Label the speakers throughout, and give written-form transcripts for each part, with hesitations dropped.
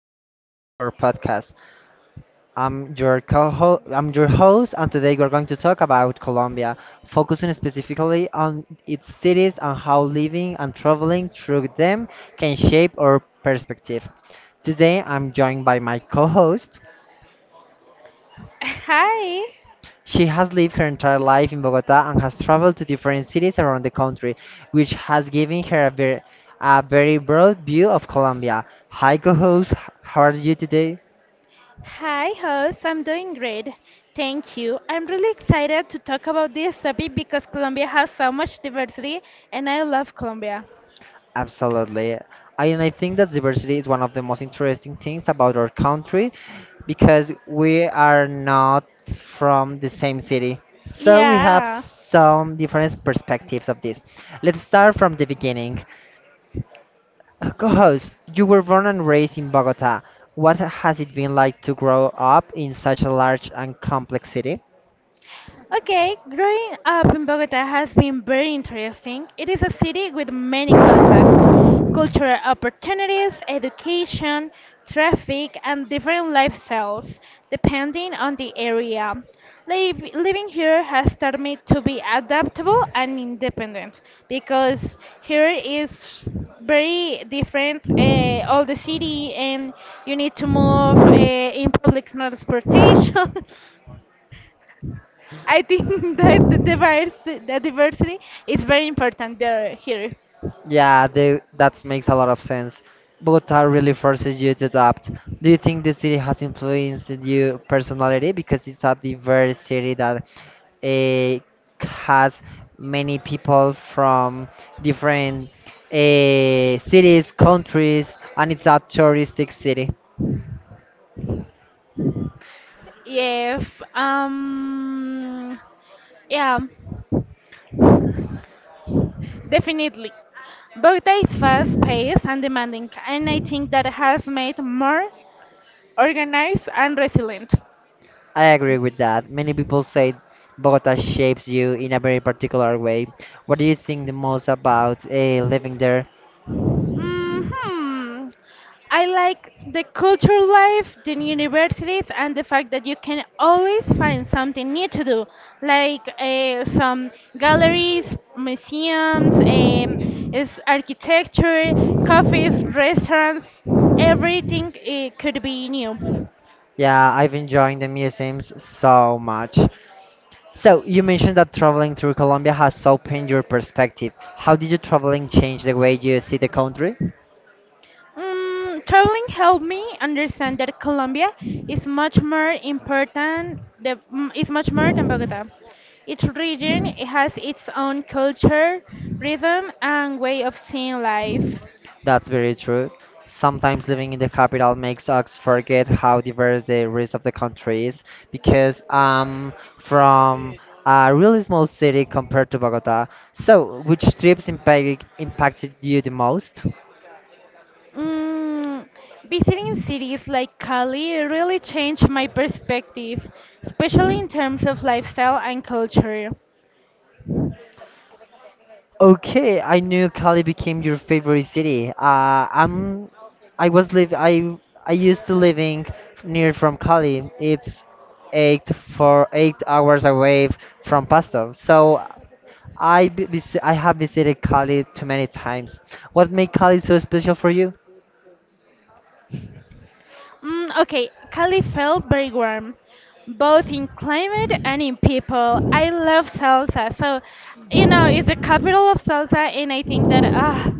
Speaker 1: episode of our podcast. I'm your host, and today we're going to talk about Colombia, focusing specifically on its cities and how living and traveling through them can shape our perspective. Today, I'm joined by my co-host.
Speaker 2: Hi.
Speaker 1: She has lived her entire life in Bogota and has traveled to different cities around the country, which has given her a very broad view of Colombia. Hi, co-host. How are you today?
Speaker 2: Hi, host. I'm doing great. Thank you. I'm really excited to talk about this topic because Colombia has so much diversity and I love Colombia.
Speaker 1: Absolutely. And I think that diversity is one of the most interesting things about our country because we are not from the same city. So we have
Speaker 2: Yeah.
Speaker 1: some different perspectives of this. Let's start from the beginning. Co-host, you were born and raised in Bogota. What has it been like to grow up in such a large and complex city?
Speaker 2: Okay, growing up in Bogota has been very interesting. It is a city with many contrasts, cultural opportunities, education, traffic, and different lifestyles depending on the area. Living here has taught me to be adaptable and independent because here is very different, all the city, and you need to move in public transportation. I think that the diversity is very important there here.
Speaker 1: Yeah, that makes a lot of sense. Bogota really forces you to adapt. Do you think the city has influenced your personality because it's a diverse city that eh, has many people from different cities, countries, and it's a touristic city?
Speaker 2: Yes, yeah, definitely. Bogota is fast-paced and demanding, and I think that has made more organized and resilient.
Speaker 1: I agree with that. Many people say Bogota shapes you in a very particular way. What do you think the most about living there?
Speaker 2: hmm I like the cultural life, the universities, and the fact that you can always find something new to do, like some galleries, museums, is architecture, cafes, restaurants. Everything could be new.
Speaker 1: Yeah, I've enjoying the museums so much. So you mentioned that traveling through Colombia has opened your perspective. How did your traveling change the way you see the country?
Speaker 2: Traveling helped me understand that Colombia is much more important. The is much more than Bogota. Each region has its own culture, rhythm, and way of seeing life.
Speaker 1: That's very true. Sometimes living in the capital makes us forget how diverse the rest of the country is because I'm from a really small city compared to Bogota. So, which impacted you the most?
Speaker 2: Mm, Visiting cities like Cali really changed my perspective, especially in terms of lifestyle and culture.
Speaker 1: Okay, I knew Cali became your favorite city. I'm, I was live, I used to living near from Cali. It's 8 hours away from Pasto. So I have visited Cali too many times. What made Cali so special for you?
Speaker 2: Okay, Cali felt very warm, both in climate and in people. I love salsa, so you know it's the capital of salsa, and I think that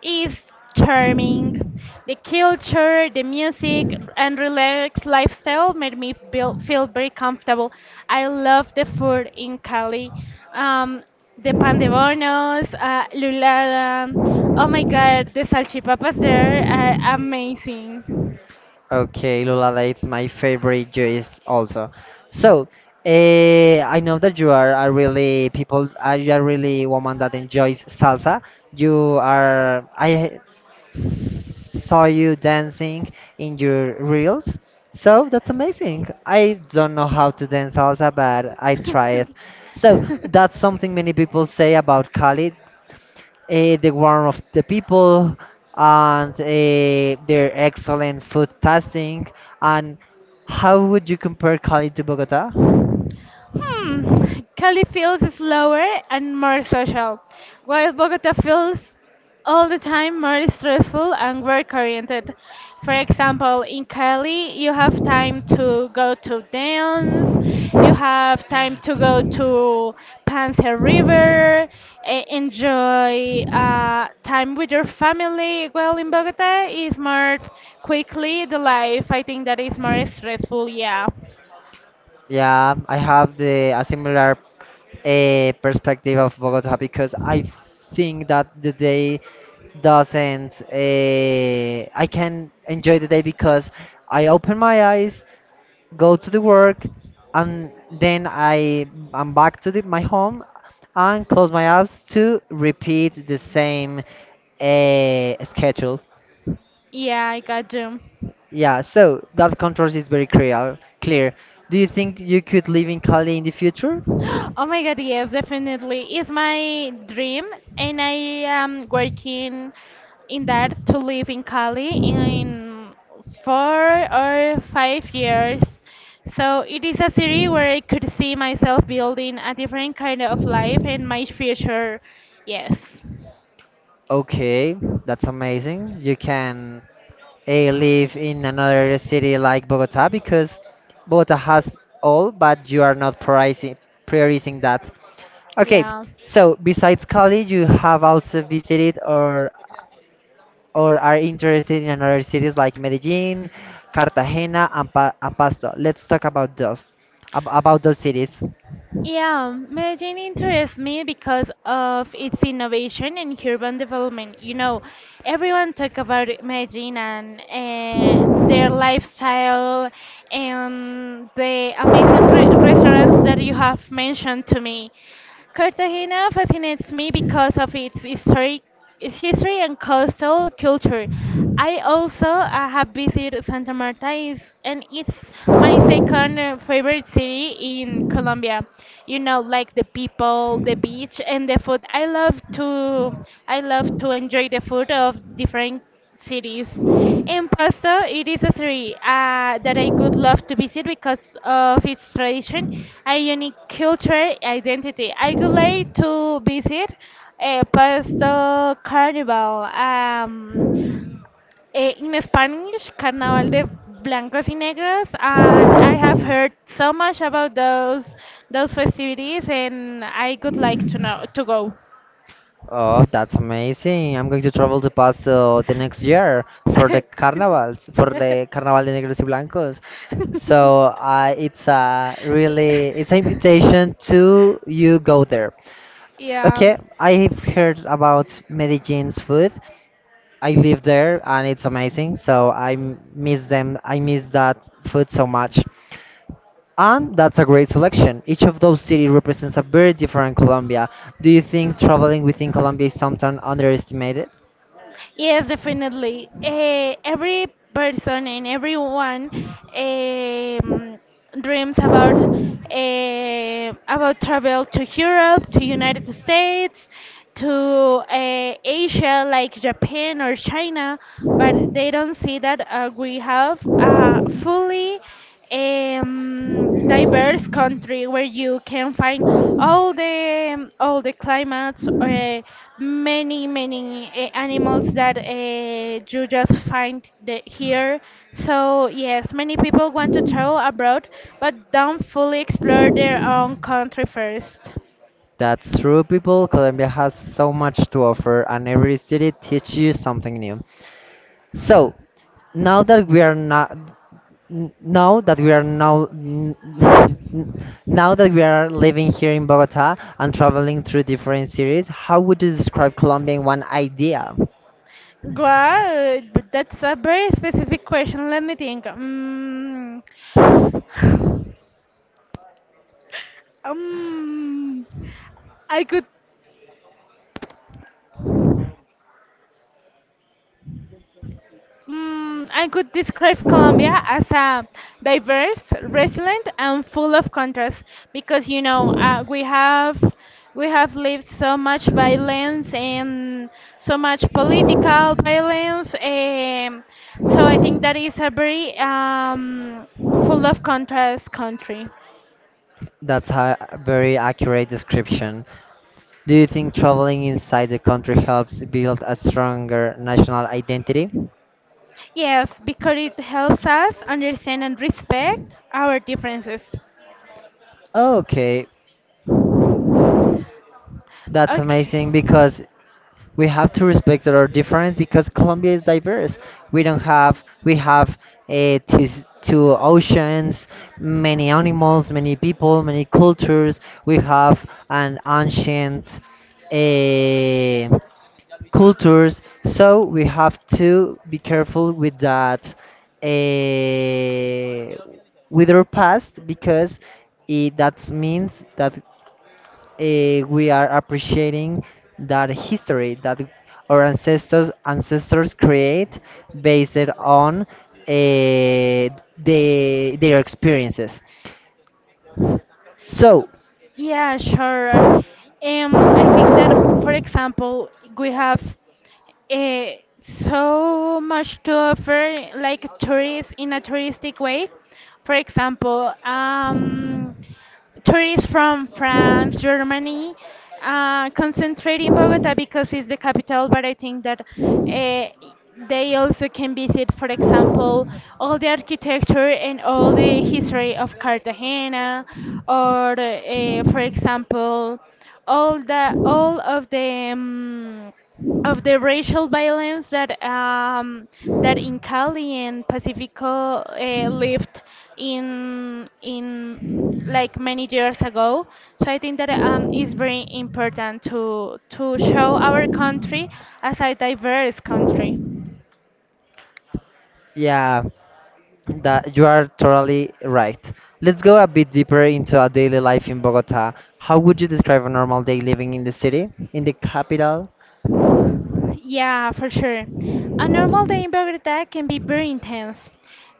Speaker 2: is charming. The culture, the music, and relaxed lifestyle made me feel very comfortable. I love the food in Cali. Um, the pan de bonos, lulada. Oh my God, the salchipapas there are amazing.
Speaker 1: Okay, Lulada, it's my favorite juice also. So, I know that you are really woman that enjoys salsa. I saw you dancing in your reels. So that's amazing. I don't know how to dance salsa, but I try it. So
Speaker 2: Hmm.
Speaker 1: that's something many people say about Cali, the warmth of the people and their excellent food tasting. And how would you compare Cali to Bogota?
Speaker 2: Cali feels slower and more social, while Bogota feels all the time more stressful and work oriented. For example, in Cali, you have time to go to dance, you have time to go to Panza River, enjoy time with your family. Well, in Bogota, it's more quickly the life. I think that is more stressful, yeah.
Speaker 1: Yeah, I have the a similar perspective of Bogota because I think that the day doesn't. I can enjoy the day because I open my eyes go to the work, and then I'm back to my home and close my apps to repeat the same schedule.
Speaker 2: Yeah, I got you.
Speaker 1: Yeah, so that controls is very clear. Do you think you could live in Cali in the future?
Speaker 2: Oh my God, yes, definitely. It's my dream, and I am working in that to live in Cali in 4 or 5 years. So it is a city where I could see myself building a different kind of life and my future. Yes.
Speaker 1: Okay, that's amazing. You can live in another city like Bogota because Bogota has all, but you are not pricing prioritizing that. Okay,
Speaker 2: Yeah.
Speaker 1: so besides Cali, you have also visited or are interested in other cities like Medellin, Cartagena, and Pasto. Let's talk about those, ab about those cities.
Speaker 2: Yeah, Medellin interests me because of its innovation and urban development. You know, everyone talk about Medellin and their lifestyle and the amazing re restaurants that you have mentioned to me. Cartagena fascinates me because of its historic its history and coastal culture. I also have visited Santa Marta is, and it's my second favorite city in Colombia. You know, like the people, the beach, and the food. I love to enjoy the food of different cities. In Pasto, it is a city that I would love to visit because of its tradition, a unique cultural identity. I would like to visit Pasto Carnival. In Spanish, Carnaval de Blancos y Negros, and I have
Speaker 1: Hmm.
Speaker 2: heard so much about those festivities, and I would like to know to go.
Speaker 1: Oh, that's amazing. I'm going to travel to Pasto the next year for the carnivals, for the Carnaval de Negros y Blancos. So it's a really it's an invitation to you go there.
Speaker 2: Yeah.
Speaker 1: Okay, I've heard about Medellin's food. I live there and it's amazing. So miss them. I miss that food so much. And that's a great selection. Each of those cities represents a very different Colombia. Do you think traveling within Colombia is sometimes underestimated?
Speaker 2: Yes, definitely. Every person and everyone, um, dreams about about travel to Europe, to United States, to Asia like Japan or China, but they don't see that we have a fully diverse country where you can find all the climates or many animals that you just find the, here. So yes, many people want to travel abroad, but don't fully explore their own country first.
Speaker 1: That's true, people. Colombia has so much to offer, and every city teaches you something new. So, now that we are not N- now that we are now n- n- now that we are living here in Bogota and traveling through different cities, how would you describe Colombia in one idea?
Speaker 2: Wow, but that's a very specific question. Let me think. Mm. Um, I could I could describe Colombia as a diverse, resilient, and full of contrast because you know we have lived so much violence and so much political violence. So I think that is a very full of contrast country.
Speaker 1: That's a very accurate description. Do you think traveling inside the country helps build a stronger national identity?
Speaker 2: Yes, because it helps us understand and respect our differences.
Speaker 1: Okay, that's
Speaker 2: Okay.
Speaker 1: amazing because we have to respect our difference because Colombia is diverse. We don't have we have two oceans, many animals, many people, many cultures. We have an ancient uh, cultures, so we have to be careful with that uh, with our past because it that means that we are appreciating that history that our ancestors create based on uh, their experiences. So
Speaker 2: Yeah, sure. I think that, for example, we have, uh, so much to offer, like tourists in a touristic way. For example, tourists from France, Germany, concentrate in Bogota because it's the capital. But I think that they also can visit, for example, all the architecture and all the history of Cartagena, or for example, all of the racial violence that that in Cali and Pacifico lived in like many years ago. So I think that it's very important to show our country as a diverse country.
Speaker 1: yeah, that you are totally right. Let's go a bit deeper into our daily life in Bogota. How would you describe a normal day living in the city, in the capital?
Speaker 2: Yeah, for sure. A normal day in Bogota can be very intense.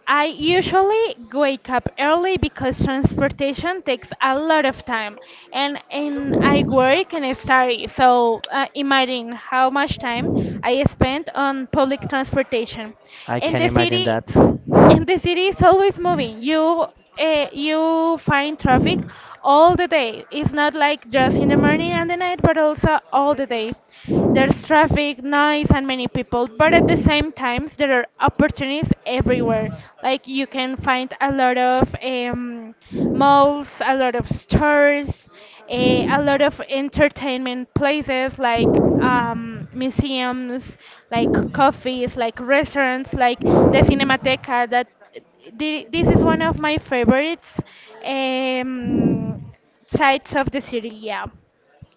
Speaker 2: I usually wake up early because transportation takes a lot of time, and I work and I study. So imagine how much time I spend on public transportation.
Speaker 1: I
Speaker 2: In
Speaker 1: can
Speaker 2: the
Speaker 1: imagine
Speaker 2: city,
Speaker 1: that.
Speaker 2: and the city is always moving. You, you find traffic all the day. It's not like just in the morning and the night, but also all the day. There's traffic, noise, and many people. But at the same time, there are opportunities everywhere. Like you can find a lot of, malls, a lot of stores, a lot of entertainment places like museums, like coffees, like restaurants, like the Cinemateca. This is one of my favorites, um, sites of the city. Yeah,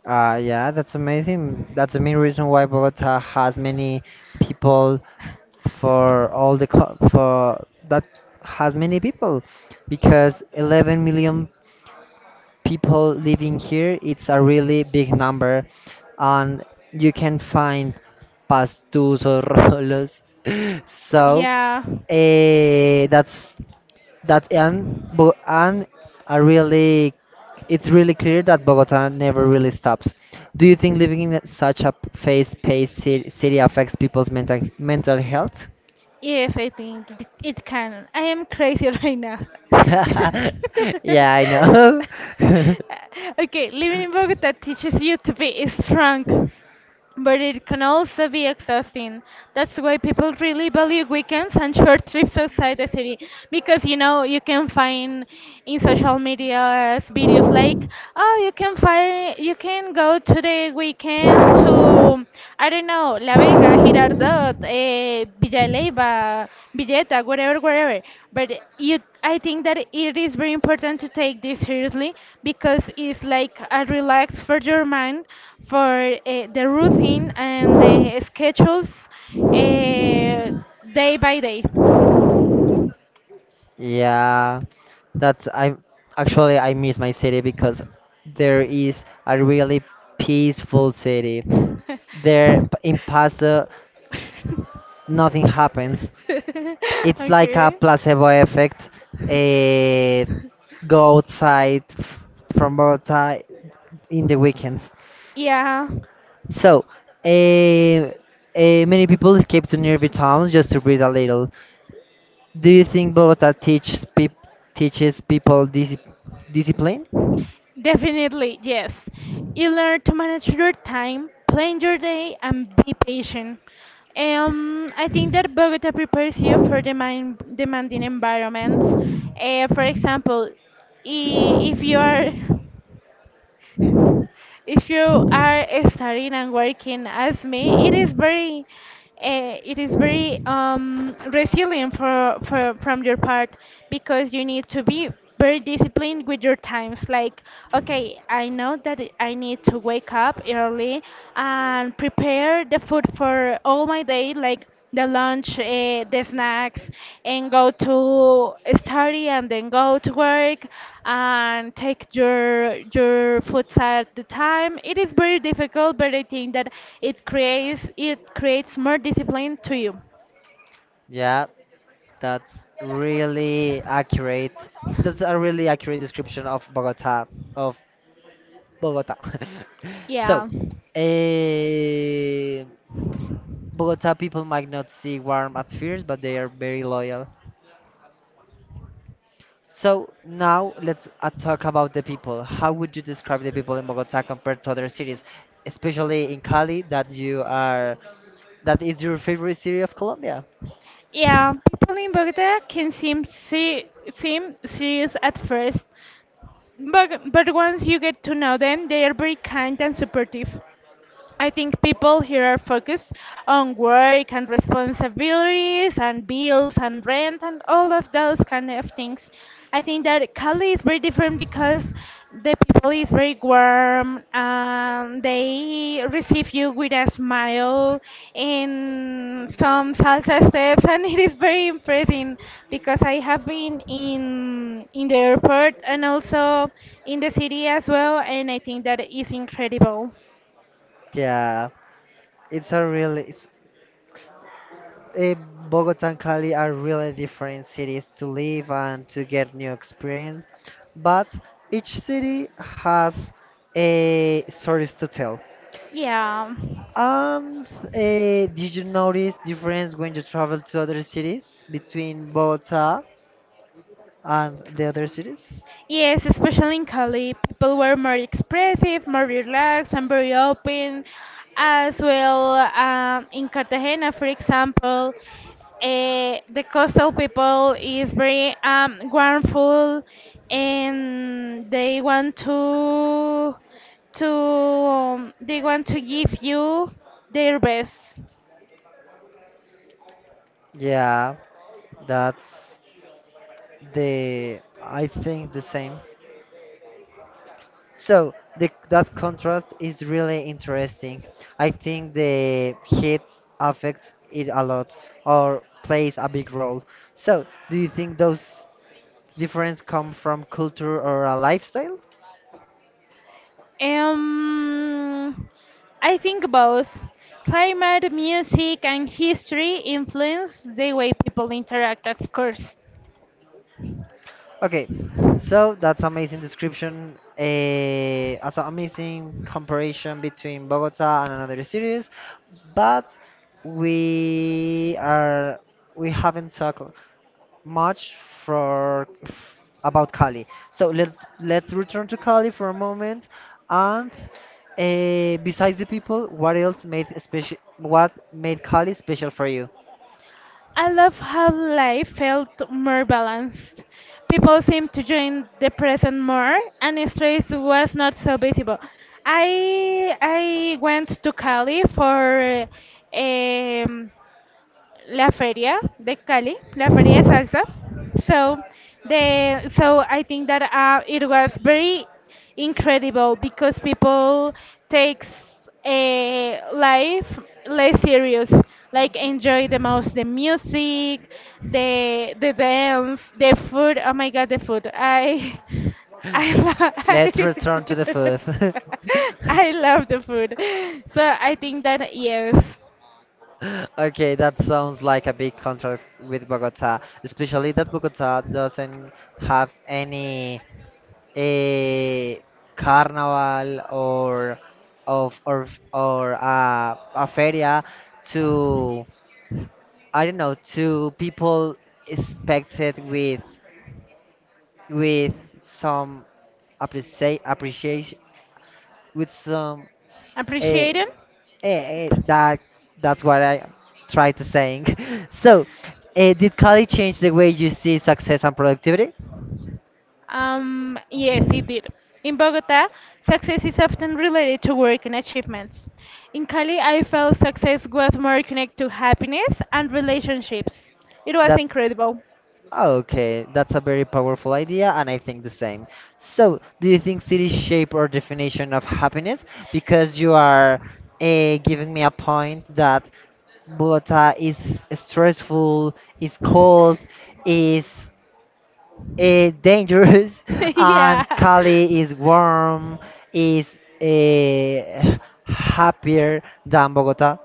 Speaker 1: Yeah, that's amazing. That's the main reason why Bogota has many people for all the co- for that has many people because 11 million people living here it's a really big number and you can find pastos or rolos so
Speaker 2: yeah.
Speaker 1: eh, that's that and but and a really it's really clear that Bogota never really stops. Do you think living in such a fast-paced city affects people's mental health?
Speaker 2: Yes, I think it can. I am crazy right now.
Speaker 1: Yeah, I know.
Speaker 2: Okay, living in Bogota teaches you to be strong but it can also be exhausting. That's why people really value weekends and short trips outside the city because you know you can find in social media videos like oh you can find you can go to the weekend to I don't know La Vega, Girardot, Villa Leyva, Villeta, whatever, whatever but you I think that it is very important to take this seriously because it's like a relax for your mind for the routine and the schedules, uh, day by day.
Speaker 1: Yeah, that's I'm actually I miss my city because there is a really peaceful city. In Paso, nothing happens. It's like a
Speaker 2: Okay.
Speaker 1: placebo effect. Eh, go outside f- from outside in the weekends.
Speaker 2: Yeah.
Speaker 1: So, eh, many people escape to nearby towns just to breathe a little. Do you think Bogota teaches people discipline?
Speaker 2: Definitely, yes. You learn to manage your time, plan your day, and be patient. I think that Bogota prepares you for demanding environments. For example, if you are if you are studying and working as me, it is it is very, resilient for from your part because you need to be very disciplined with your times. Like, okay, I know that I need to wake up early and prepare the food for all my day. Like the lunch, the snacks, and go to study and then go to work and take your foods at the time. It is very difficult, but I think that it creates more discipline to you.
Speaker 1: Yeah, that's really accurate. That's a really accurate description of Bogota, of Bogota. So,
Speaker 2: Yeah.
Speaker 1: eh, Bogota people might not see warm at first, but they are very loyal. So now let's talk about the people. How would you describe the people in Bogota compared to other cities, especially in Cali, that is your favorite city of Colombia?
Speaker 2: Yeah, people in Bogota can seem serious at first, but once you get to know them, they are very kind and supportive. I think people here are focused on work and responsibilities and bills and rent and all of those kind of things. I think that Cali is very different because the people is very warm and they receive you with a smile in some salsa steps and it is very impressive because I have been in the airport and also in the city as well and I think that is incredible.
Speaker 1: Yeah, it's a really it's, eh, Bogota and Cali are really different cities to live and to get new experience, but each city has a stories to tell.
Speaker 2: Yeah.
Speaker 1: Um, did you notice difference when you travel to other cities between Bogota and the other cities?
Speaker 2: Yes, especially in Cali, people were more expressive, more relaxed, and very open. As well, in Cartagena, for example, the coastal people is very, warmful, and they want to, they want to give you their best.
Speaker 1: Yeah, that's the I think the same. So that contrast is really interesting. I think the heat affects it a lot or plays a big role. So do you think those differences come from culture or a lifestyle?
Speaker 2: Um, I think both. Climate, music, and history influence the way people interact, of course.
Speaker 1: Okay, so that's amazing description. As an amazing comparison between Bogota and another cities, but we are we haven't talked much for f- about Cali. So let's return to Cali for a moment. And besides the people, what else made special? What made Cali special for you?
Speaker 2: I love how life felt more balanced. People seemed to join the present more, and stress was not so visible. I went to Cali for, um, La Feria de Cali, La Feria de Salsa. So so I think that it was very incredible because people takes a life less serious, like enjoy the most the music, the dance, the food. Oh my God, the food! I I love
Speaker 1: Let's return to the food.
Speaker 2: I love the food. So I think that yes,
Speaker 1: Okay, that sounds like a big contract with Bogota, especially that Bogota doesn't have any a carnival or of or a feria to I don't know to people expected with some appreciation with some uh,
Speaker 2: appreciate it.
Speaker 1: Eh, eh, that that's what I try to saying. So, did college change the way you see success and productivity?
Speaker 2: Yes, it did. In Bogota, success is often related to work and achievements. In Cali, I felt success was more connected to happiness and relationships. It was
Speaker 1: That
Speaker 2: incredible.
Speaker 1: oh, okay, that's a very powerful idea, and I think the same. So, do you think cities shape our definition of happiness? Because you are giving me a point that Bogota is stressful, is cold, is dangerous and
Speaker 2: Yeah.
Speaker 1: Kali is warm is happier than Bogota.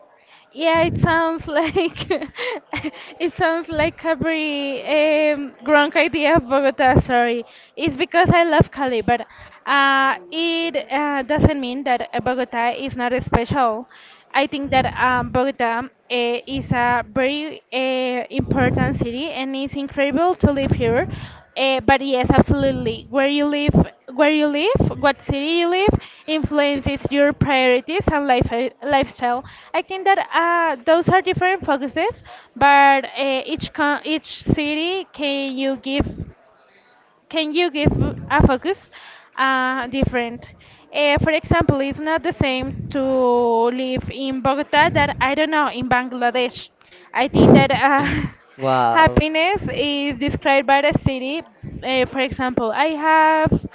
Speaker 2: Yeah, it sounds like it sounds like a very, wrong idea of Bogota. Sorry, it's because I love Cali, but it doesn't mean that Bogota is not special. I think that, Bogota is a very, important city, and it's incredible to live here. But yes, absolutely. Where you live, what city you live, influences your priorities and lifestyle. I think that those are different focuses, but each city can you give a focus, different? For example, it's not the same to live in Bogota that I don't know in Bangladesh. I think that
Speaker 1: Wow.
Speaker 2: Happiness is described by the city. For example, I have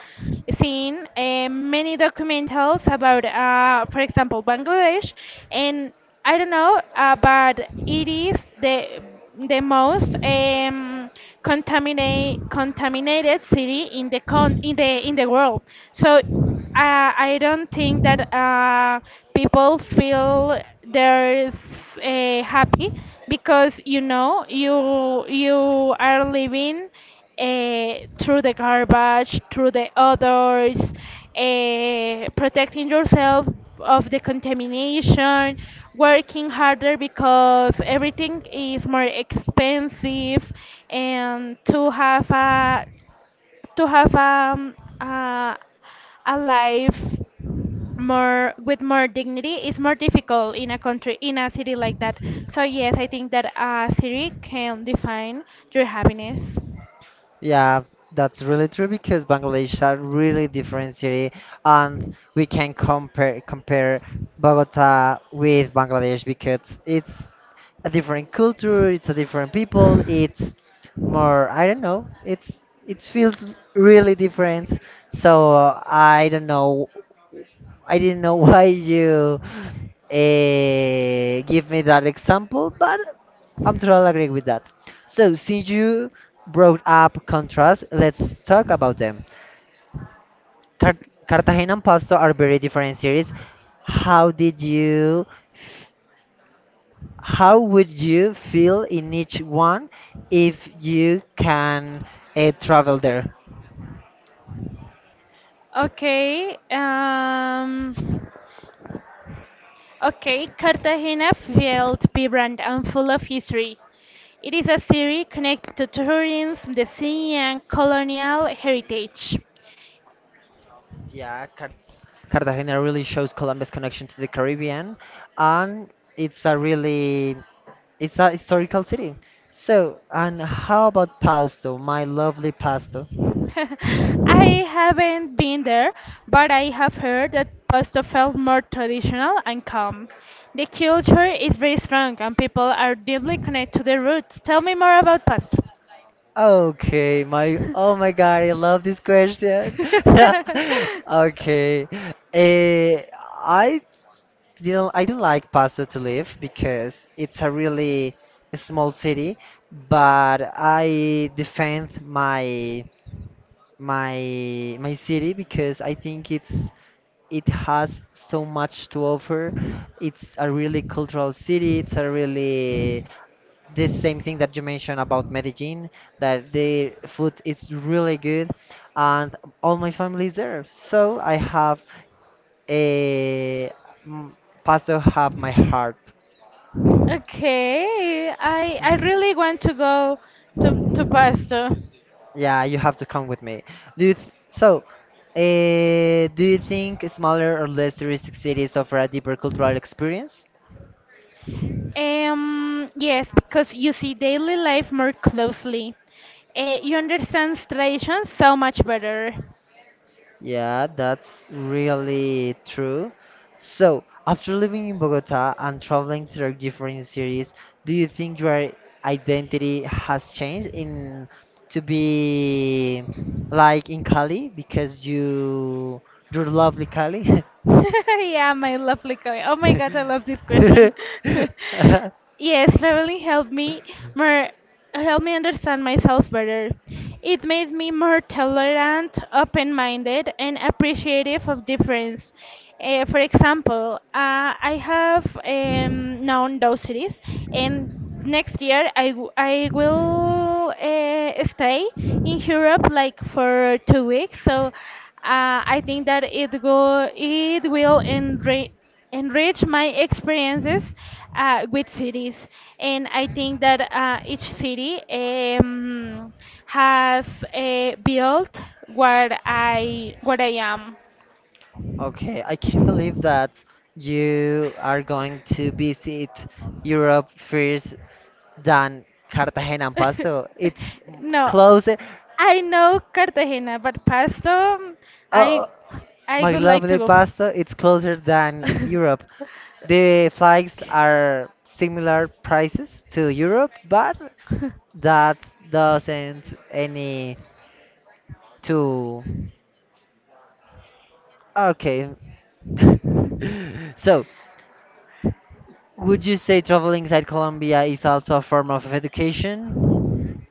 Speaker 2: seen many documentals about, for example, Bangladesh, and I don't know, but it is the most contaminated city in the in the world. So uh, I don't think that people feel they're happy because you are living uh, through the garbage, through the odors, protecting yourself of the contamination, working harder because everything is more expensive, and to have uh, a life more with more dignity is more difficult in a country in a city like that. So yes, I think that a city can define your happiness.
Speaker 1: Yeah, that's really true because Bangladesh are really different city, and we can compare Bogota with Bangladesh because it's a different culture, it's a different people, it's more I don't know, it's it feels really different. So I don't know, I didn't know why you give me that example, but I'm totally agreeing with that. So, since you brought up contrast, let's talk about them. Car- Cartagena and Pasto are very different cities. How did you, f- how would you feel in each one if you can travel there?
Speaker 2: Okay. Okay. Cartagena felt vibrant and full of history. It is a city connected to tourism, the sea, and colonial heritage.
Speaker 1: Yeah, Cartagena really shows Colombia's connection to the Caribbean, and it's a really it's a historical city. So, and how about Pasto, my lovely Pasto?
Speaker 2: I haven't been there, but I have heard that pasta felt more traditional and calm. The culture is very strong and people are deeply connected to their roots. Tell me more about pasta.
Speaker 1: Okay, my oh my God, I love this question. Okay, eh, I I don't like Paso to live because it's a really small city, but I defend my my city because I think it has so much to offer. It's a really cultural city. It's a really the same thing that you mentioned about Medellin, that the food is really good, and all my family is there. So I have a m- Pasto have my heart.
Speaker 2: Okay, I
Speaker 1: S-
Speaker 2: I really want to go to Pasto.
Speaker 1: Yeah, you have to come with me. Do you th- so? Do you think smaller or less touristic cities offer a deeper cultural experience?
Speaker 2: Yes, because you see daily life more closely. You understand tradition so much better.
Speaker 1: Yeah, that's really true. So, after living in Bogota and traveling through different cities, do you think your identity has changed in to be like in Cali because you're lovely Cali?
Speaker 2: Yeah, my lovely colleague. Oh my God, I love this question. Yes, traveling helped me more helped me understand myself better. It made me more tolerant, open-minded, and appreciative of difference. For example, I have known those cities, and next year I will stay in Europe like for 2 weeks. So I think that it will enrich my experiences with cities. And I think that each city has built what I am.
Speaker 1: Okay, I can't believe that you are going to visit Europe first than Cartagena and Pasto. It's
Speaker 2: No,
Speaker 1: closer.
Speaker 2: I know Cartagena, but Pasto, mm, I
Speaker 1: Oh,
Speaker 2: I
Speaker 1: my
Speaker 2: would like to
Speaker 1: lovely
Speaker 2: go.
Speaker 1: Pasto, it's closer than Europe. The flights are similar prices to Europe, but that doesn't any to. Okay. So, would you say traveling inside Colombia is also a form of education?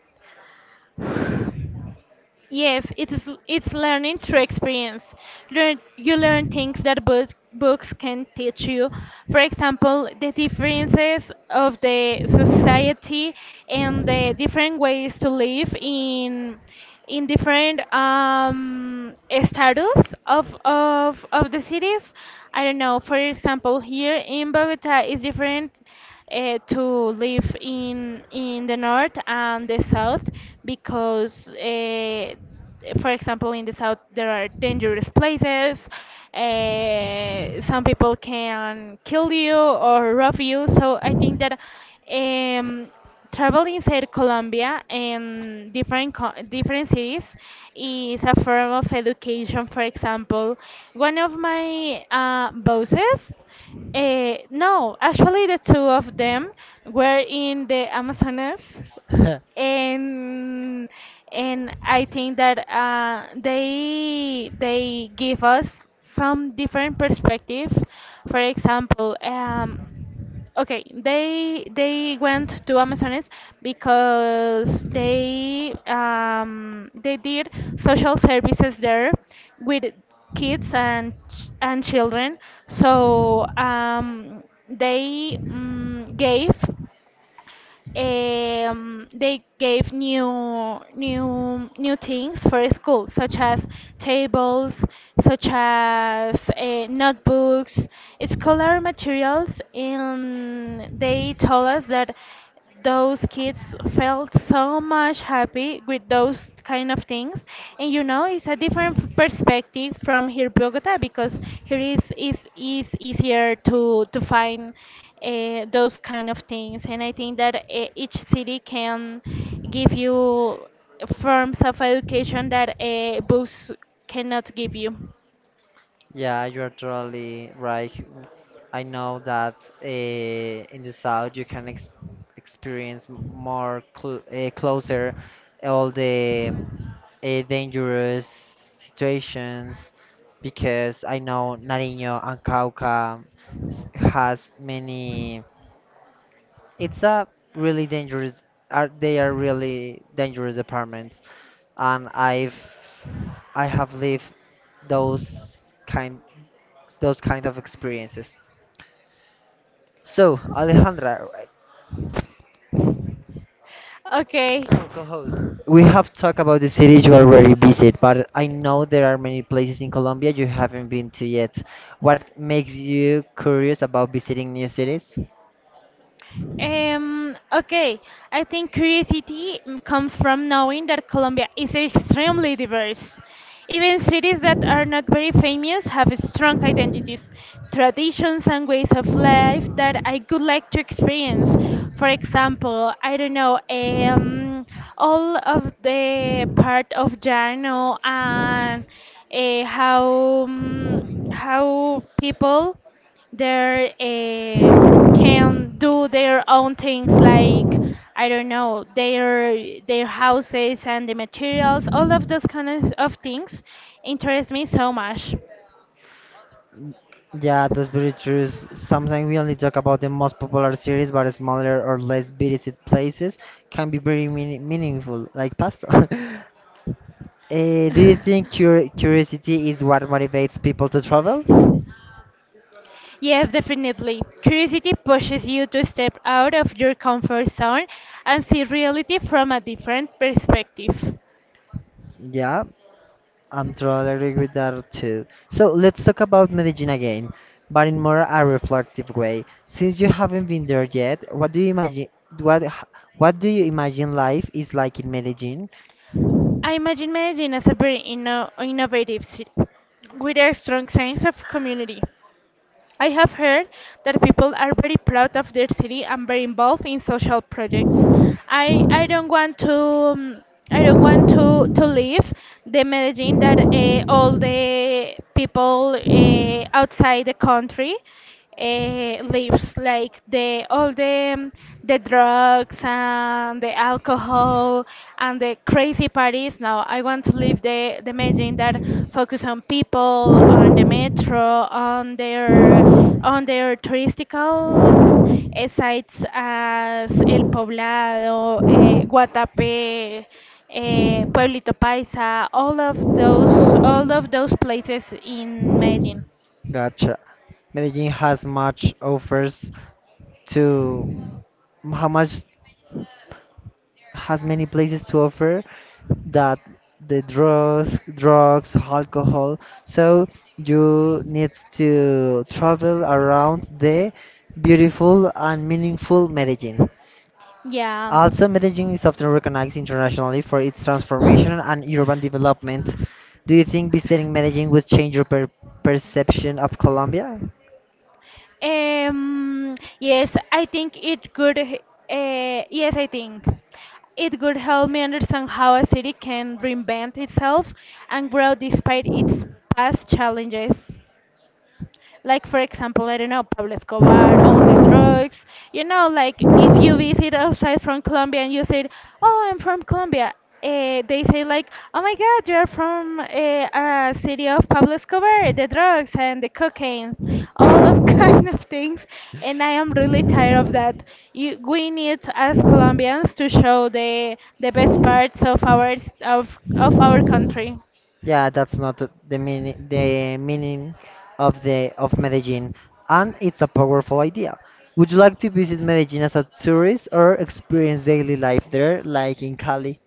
Speaker 2: Yes, it's learning through experience. Learn you learn things that books can teach you. For example, the differences of the society and the different ways to live in different status of the cities. I don't know. For example, here in Bogota is different to live in the north and the south, because for example in the south there are dangerous places, some people can kill you or rob you. So I think that um, travel inside Colombia and different cities is a form of education. For example, one of my bosses, no, actually, the two of them, were in the Amazonas, and I think that they give us some different perspectives. For example, okay, they went to Amazonas because they did social services there with kids and children. So they gave new things for school, such as tables, such as notebooks, scholar materials, and they told us that those kids felt so much happy with those kind of things. And it's a different perspective from here Bogota, because here is easier to find those kind of things. And I think that each city can give you forms of education that books cannot give you.
Speaker 1: Yeah, you're totally right. I know that in the south you can ex experience more cl closer all the dangerous situations because I know Nariño and Cauca has many. It's a really dangerous. Are they are really dangerous apartments, and I have lived those kind those kind of experiences. So Alejandra,
Speaker 2: Okay.
Speaker 1: so co-host, we have talked about the cities you already visit, but I know there are many places in Colombia you haven't been to yet. What makes you curious about visiting new cities?
Speaker 2: Um, okay, I think curiosity comes from knowing that Colombia is extremely diverse. Even cities that are not very famous have strong identities, traditions, and ways of life that I would like to experience. For example, I don't know, all of the part of Llano, and how how people they can do their own things, like I don't know, their houses and the materials, all of those kinds of things interest me so much.
Speaker 1: Yeah, that's very true. Sometimes we only talk about the most popular series, but smaller or less visited places can be very meaningful, like pasta. Eh, do you think curiosity is what motivates people to travel?
Speaker 2: Yes, definitely curiosity pushes you to step out of your comfort zone and see reality from a different perspective.
Speaker 1: Yeah, I'm totally agree with that too. So let's talk about Medellin again, but in more a reflective way. Since you haven't been there yet, what do you imagine? What h- what do you imagine life is like in Medellin?
Speaker 2: I imagine Medellin as a very innovative city with a strong sense of community. I have heard that people are very proud of their city and very involved in social projects. I I don't want to um, I don't want to leave the Medellin that all the people outside the country leaves, like the all the drugs and the alcohol and the crazy parties. No, I want to leave the Medellin that focus on people, on the metro, on their touristical sites, as El Poblado, Guatapé, Pueblito Paisa, all of those places in Medellin.
Speaker 1: Gotcha. Medellin has much offers to how much has many places to offer that the drugs, alcohol. So you need to travel around the beautiful and meaningful Medellin.
Speaker 2: Yeah.
Speaker 1: Also, Medellin is often recognized internationally for its transformation and urban development. Do you think visiting Medellin would change your perception of Colombia?
Speaker 2: Um, yes, I think it could. h- yes, I think it could help me understand how a city can reinvent itself and grow despite its past challenges. Like, for example, I don't know, Pablo Escobar, all the drugs. You know, like if you visit outside from Colombia and you say, oh, I'm from Colombia, they say, like, oh my God, you're from a city of Pablo Escobar, the drugs and the cocaine, all of kind of things. And I am really tired of that. We need as Colombians to show the best parts of our of our country.
Speaker 1: Yeah, that's not the meaning of the of Medellin, and it's a powerful idea. Would you like to visit Medellin as a tourist or experience daily life there, like in Cali?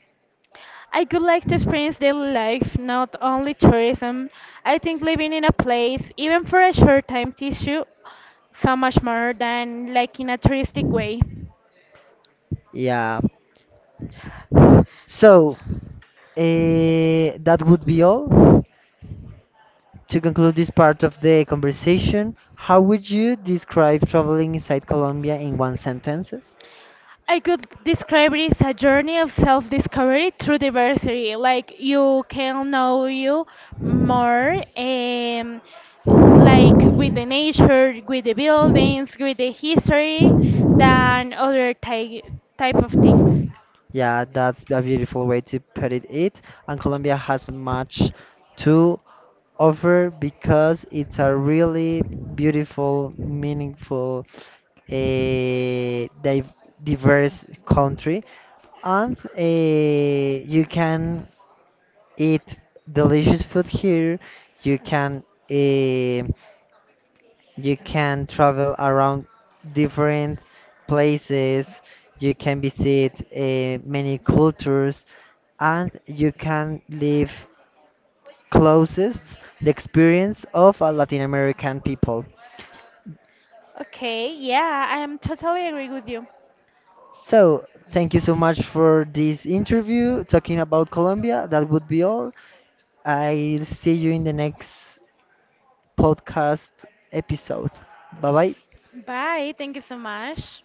Speaker 2: I would like to experience daily life, not only tourism. I think living in a place, even for a short time, teaches you so much more than like in a touristic way.
Speaker 1: Yeah. So, that would be all. To conclude this part of the conversation, how would you describe traveling inside Colombia in one sentence?
Speaker 2: I could describe it as a journey of self-discovery through diversity. Like you can know you more, like with the nature, with the buildings, with the history, than other type of things.
Speaker 1: Yeah, that's a beautiful way to put it. It and Colombia has much to offer because it's a really beautiful, meaningful, a diverse country, and you can eat delicious food here. You can. eh, you can travel around different places. You can visit many cultures, and you can live closest the experience of a Latin American people.
Speaker 2: Okay, yeah, I am totally agree with you.
Speaker 1: So, thank you so much for this interview talking about Colombia. That would be all. I'll see you in the next podcast episode. Bye bye.
Speaker 2: Bye. Thank you so much.